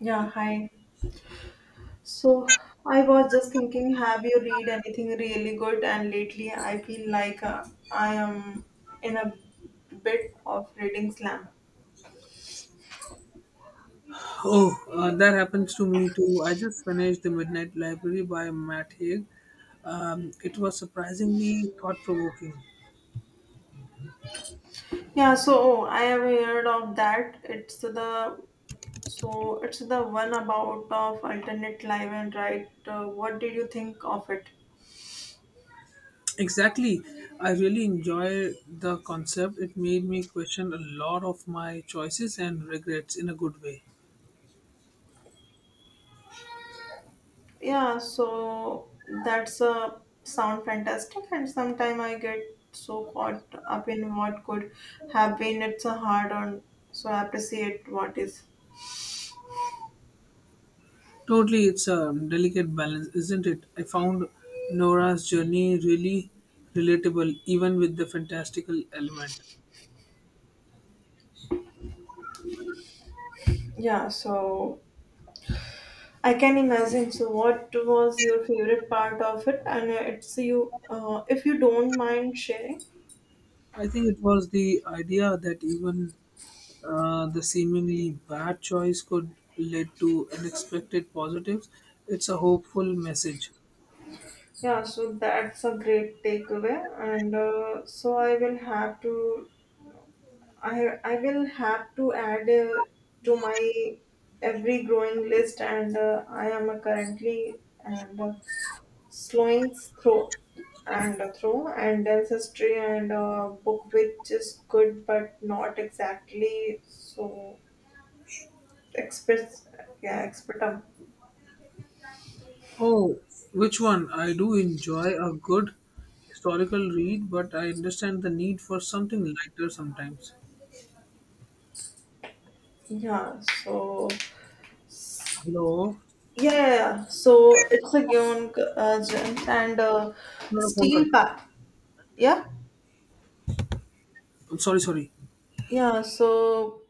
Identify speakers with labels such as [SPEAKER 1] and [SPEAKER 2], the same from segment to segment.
[SPEAKER 1] Yeah, hi. So I was just thinking, have you read anything really good? And lately, I feel like I am in a bit of reading slam.
[SPEAKER 2] Oh, that happens to me too. I just finished The Midnight Library by Matt Haig. It was surprisingly thought provoking.
[SPEAKER 1] Yeah, so I have heard of that. It's the one about of alternate life and right. What did you think of it?
[SPEAKER 2] Exactly. I really enjoy the concept. It made me question a lot of my choices and regrets in a good way.
[SPEAKER 1] Yeah, so that's a sound fantastic and sometime I get so caught up in what could have been. It's a hard on. So I appreciate what is.
[SPEAKER 2] Totally, it's a delicate balance, isn't it? I found Nora's journey really relatable, even with the fantastical element.
[SPEAKER 1] Yeah, so I can imagine. So what was your favorite part of it, and it's you, if you don't mind sharing.
[SPEAKER 2] I think it was the idea that even the seemingly bad choice could lead to unexpected positives. It's a hopeful message.
[SPEAKER 1] Yeah, so that's a great takeaway, and so I will have to I will have to add, to my every growing list, and I am currently, and slowing through and through and ancestry and book, which is good but not exactly so expert. Yeah, expert.
[SPEAKER 2] Oh, which one? I do enjoy a good historical read, but I understand the need for something lighter sometimes.
[SPEAKER 1] Yeah, so,
[SPEAKER 2] Hello.
[SPEAKER 1] yeah, yeah, yeah. So it's a given gems, and
[SPEAKER 2] मेरा phone कर-
[SPEAKER 1] steel
[SPEAKER 2] दो.
[SPEAKER 1] pack. Yeah.
[SPEAKER 2] I'm sorry, sorry.
[SPEAKER 1] Yeah, so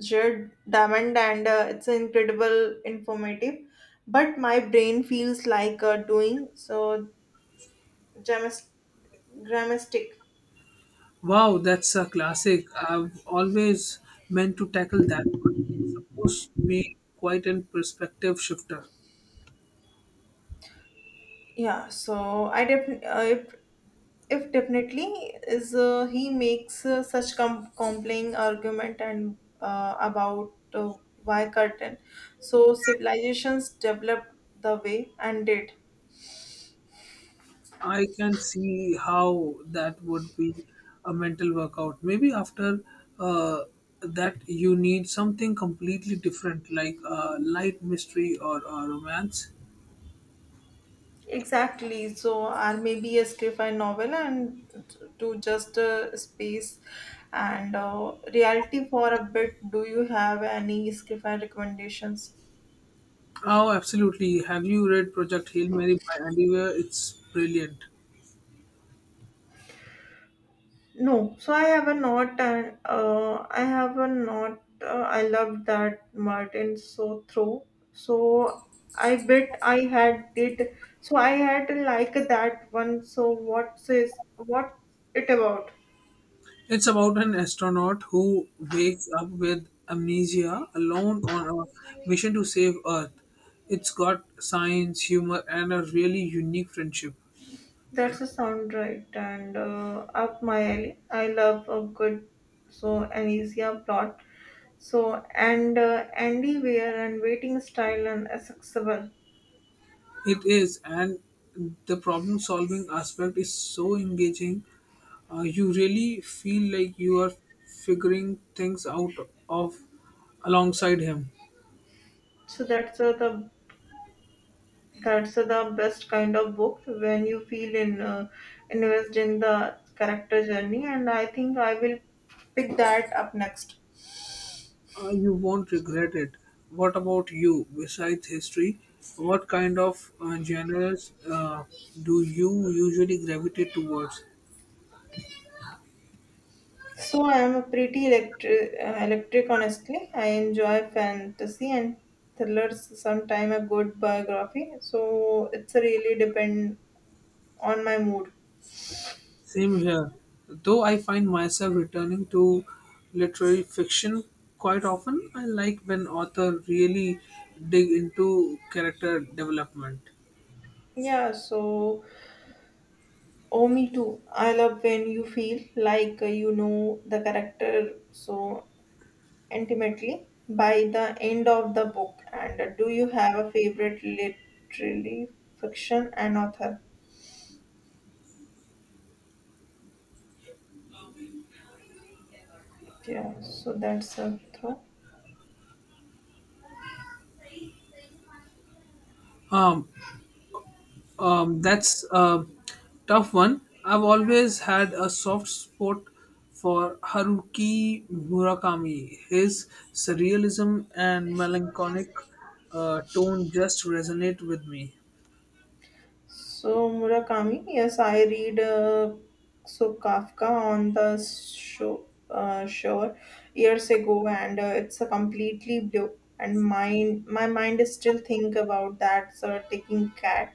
[SPEAKER 1] Jared Diamond, and it's incredible informative. But my brain feels like doing so gymnas- gymnastic.
[SPEAKER 2] Wow, that's a classic. I've always meant to tackle that. Must be quite a perspective shifter.
[SPEAKER 1] Yeah, so I definitely, if definitely is, he makes such compelling argument, and about, why curtain so civilizations developed the way and did.
[SPEAKER 2] I can see how that would be a mental workout. Maybe after uh, that, you need something completely different, like a light mystery or a romance.
[SPEAKER 1] Exactly. So, or maybe a sci-fi novel, and to just space, and reality for a bit. Do you have any sci-fi recommendations?
[SPEAKER 2] Oh, absolutely. Have you read Project Hail Mary by Andy Weir? It's brilliant.
[SPEAKER 1] No. So I have a not, and I have a not. I love that Martin so through. So I bet I had it. So I had like that one. So what's is what it about?
[SPEAKER 2] It's about an astronaut who wakes up with amnesia alone on a mission to save Earth. It's got science, humor, and a really unique friendship.
[SPEAKER 1] That's a sound right, and up my alley. I love a good so amnesia plot. So, and Andy wear and waiting style and accessible.
[SPEAKER 2] It is, and the problem solving aspect is so engaging. You really feel like you are figuring things out of alongside him.
[SPEAKER 1] So that's the best kind of book when you feel in, invest in the character journey. And I think I will pick that up next.
[SPEAKER 2] You won't regret it. What about you? Besides history, what kind of genres do you usually gravitate towards?
[SPEAKER 1] So I am a pretty electric. Honestly, I enjoy fantasy and thrillers. Sometime a good biography. So it's really depend on my mood.
[SPEAKER 2] Same here. Though I find myself returning to literary fiction quite often, I like when authors really dig into character development.
[SPEAKER 1] Yeah. So, oh, me too. I love when you feel like you know the character so intimately by the end of the book. And do you have a favorite literary fiction and author? Yeah. So that's a throw.
[SPEAKER 2] Um, that's a tough one. I've always had a soft spot for Haruki Murakami. His surrealism and melancholic tone just resonate with me.
[SPEAKER 1] So Murakami, yes, I read, so Kafka on the show, shore years ago, and it's a completely blue. And my mind is still think about that sort of taking cat,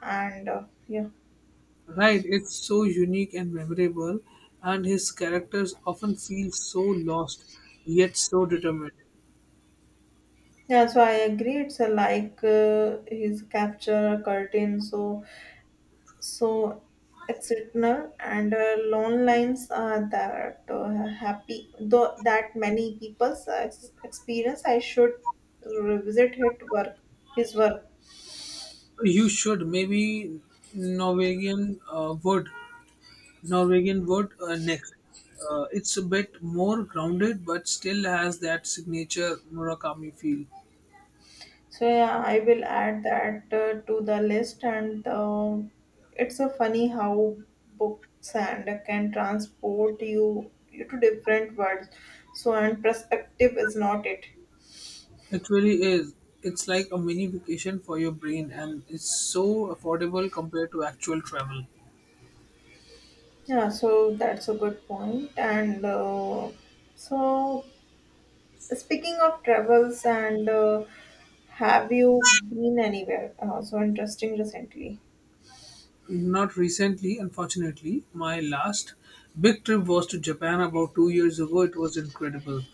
[SPEAKER 1] and yeah.
[SPEAKER 2] Right, it's so unique and memorable, and his characters often feel so lost yet so determined.
[SPEAKER 1] Yeah. So I agree. It's a like his capture a curtain, so it's written, and loan lines, that happy though that many people's experience. I should revisit his work.
[SPEAKER 2] You should, maybe Norwegian would. Norwegian word next. It's a bit more grounded, but still has that signature Murakami feel.
[SPEAKER 1] So, yeah, I will add that, to the list, and it's a funny how books and can transport you to different worlds, so and perspective, is not it?
[SPEAKER 2] It really is. It's like a mini vacation for your brain, and it's so affordable compared to actual travel.
[SPEAKER 1] Yeah, so that's a good point. And so, speaking of travels, and have you been anywhere so interesting recently?
[SPEAKER 2] Not recently, unfortunately. My last big trip was to Japan about 2 years ago. It was incredible.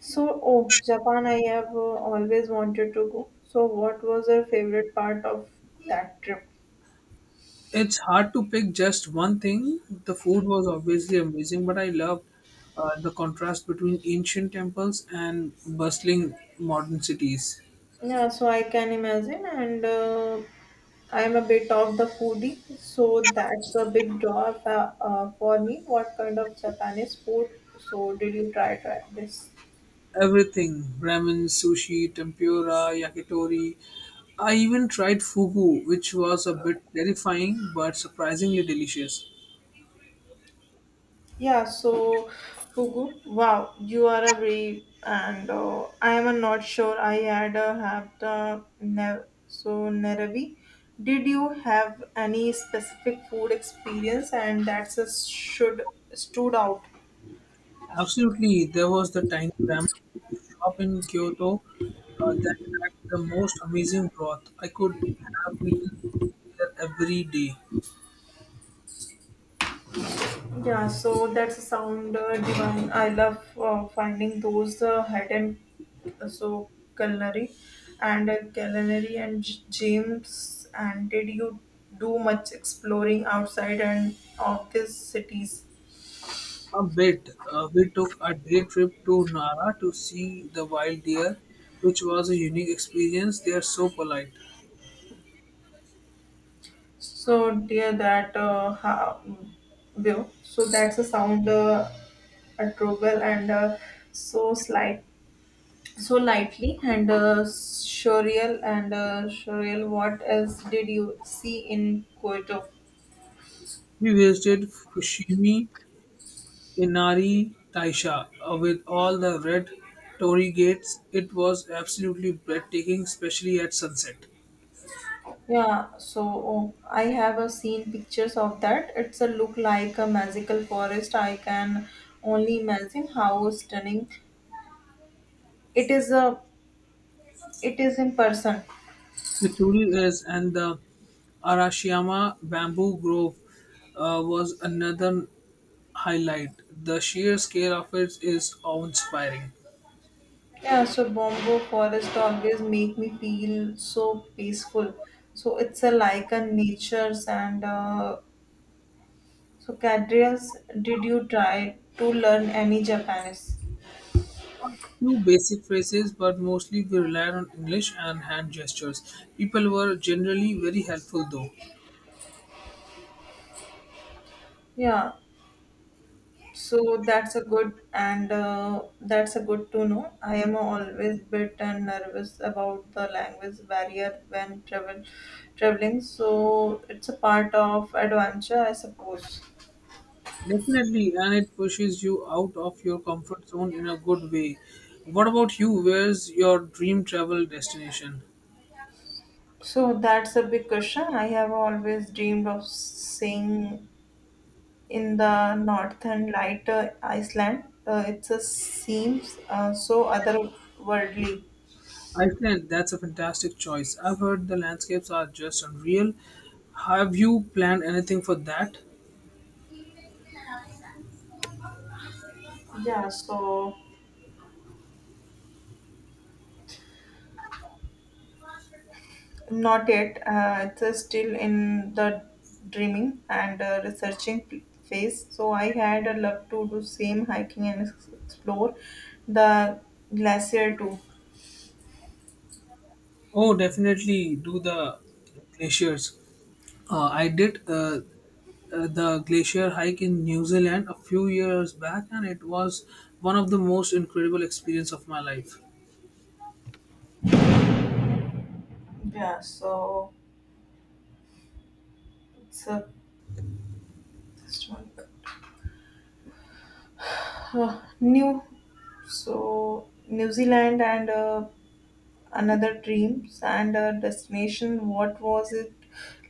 [SPEAKER 1] So, oh, Japan, I have always wanted to go. So, what was your favorite part of that trip?
[SPEAKER 2] It's hard to pick just one thing. The food was obviously amazing, but I loved the contrast between ancient temples and bustling modern cities.
[SPEAKER 1] Yeah, so I can imagine, and I'm a bit of the foodie, so that's a big draw, for me. What kind of Japanese food? So, did you try this?
[SPEAKER 2] Everything ramen, sushi, tempura, yakitori. I even tried fugu, which was a bit terrifying but surprisingly delicious.
[SPEAKER 1] Yeah, so Fugu, wow, you are a brave, and I am not sure I had have the Neravi. Did you have any specific food experience, and that's a should stood out?
[SPEAKER 2] Absolutely, there was the tiny ramen shop in Kyoto that had the most amazing broth. I could have eaten there every day.
[SPEAKER 1] Yeah, so that's a sound divine. I love finding those hidden, so culinary culinary and James. And did you do much exploring outside and of these cities?
[SPEAKER 2] A bit. We took a day trip to Nara to see the wild deer, which was a unique experience. They are so polite.
[SPEAKER 1] So dear, that view. So that's a sound adorable, and so slight. So lightly, and surreal, what else did you see in Kyoto?
[SPEAKER 2] We visited Fushimi Inari Taisha with all the red torii gates. It was absolutely breathtaking, especially at sunset.
[SPEAKER 1] Yeah, so, oh, I have seen pictures of that. It's a look like a magical forest. I can only imagine how stunning it is uh, it is in person.
[SPEAKER 2] The truly is, and the Arashiyama bamboo grove was another highlight. The sheer scale of it is awe-inspiring.
[SPEAKER 1] Yeah, so bombo forest always make me feel so peaceful. So it's a like a nature's, and so, Cadreas, did you try to learn any Japanese?
[SPEAKER 2] Few basic phrases, but mostly we relied on English and hand gestures. People were generally very helpful, though.
[SPEAKER 1] Yeah, so that's a good to know. I am always bit and nervous about the language barrier when traveling. So it's a part of adventure, I suppose.
[SPEAKER 2] Definitely, and it pushes you out of your comfort zone in a good way. What about you? Where's your dream travel destination?
[SPEAKER 1] So that's a big question. I have always dreamed of seeing in the northern light, Iceland. It seems so otherworldly.
[SPEAKER 2] Iceland, that's a fantastic choice. I've heard the landscapes are just unreal. Have you planned anything for that?
[SPEAKER 1] Yeah, so not yet. It's still in the dreaming, and researching phase. So I had a love to do same hiking and explore the glacier too.
[SPEAKER 2] Oh, definitely do the glaciers. I did the glacier hike in New Zealand a few years back, and it was one of the most incredible experience of my life.
[SPEAKER 1] Yeah, so it's a just one, new. So New Zealand, and another dreams and a destination. What was it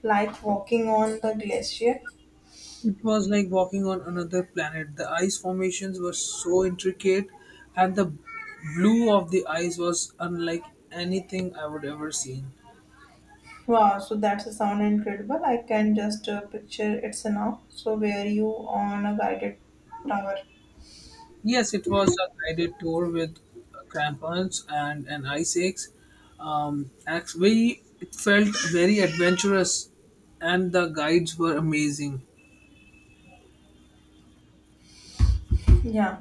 [SPEAKER 1] like walking on the glacier?
[SPEAKER 2] It was like walking on another planet. The ice formations were so intricate, and the blue of the ice was unlike anything I would ever seen.
[SPEAKER 1] Wow, so that's a sound incredible. I can just picture it's now. So where you on a guided tower?
[SPEAKER 2] Yes, it was a guided tour with crampons and an ice axe. We it felt very adventurous, and the guides were amazing.
[SPEAKER 1] Yeah.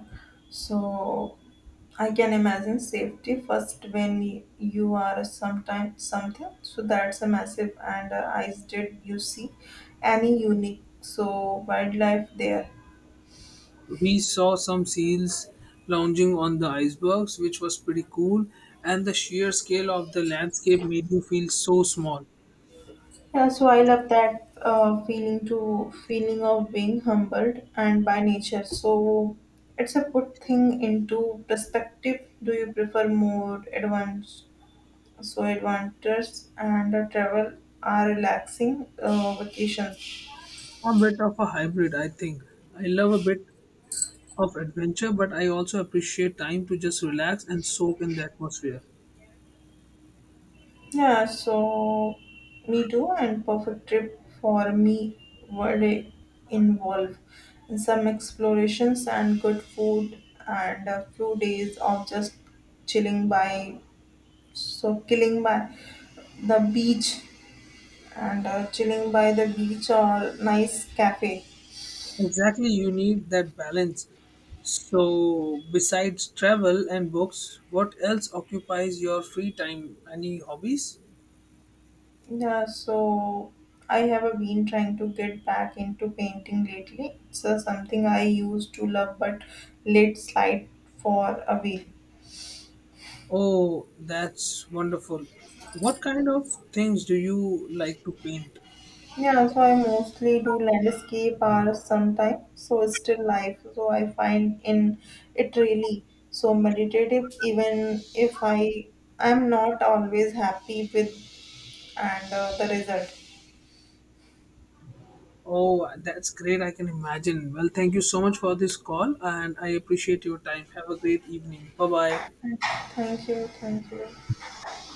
[SPEAKER 1] So I can imagine safety first when you are sometime something. So that's a massive, and eyes, did you see any unique so wildlife there?
[SPEAKER 2] We saw some seals lounging on the icebergs, which was pretty cool, and the sheer scale of the landscape made you feel so small.
[SPEAKER 1] Yeah, so I love that feeling to feeling of being humbled and by nature. So it's a put thing into perspective. Do you prefer more advanced? So adventures, and travel are relaxing, vacations.
[SPEAKER 2] A bit of a hybrid, I think. I love a bit of adventure, but I also appreciate time to just relax and soak in the atmosphere.
[SPEAKER 1] Yeah, so me too. And perfect trip for me would involve some explorations and good food and a few days of just chilling by. So killing by the beach, and chilling by the beach or nice cafe.
[SPEAKER 2] Exactly, you need that balance. So, besides travel and books, what else occupies your free time? Any hobbies?
[SPEAKER 1] Yeah, so I have been trying to get back into painting lately. It's something I used to love but let slide for a while.
[SPEAKER 2] Oh, that's wonderful. What kind of things do you like to paint?
[SPEAKER 1] Yeah, so I mostly do landscape art sometimes. So still life. So I find in it really so meditative, even if I am not always happy with, and the result.
[SPEAKER 2] Oh, that's great. I can imagine. Well, thank you so much for this call and I appreciate your time. Have a great evening. Bye bye.
[SPEAKER 1] 哎同学，同学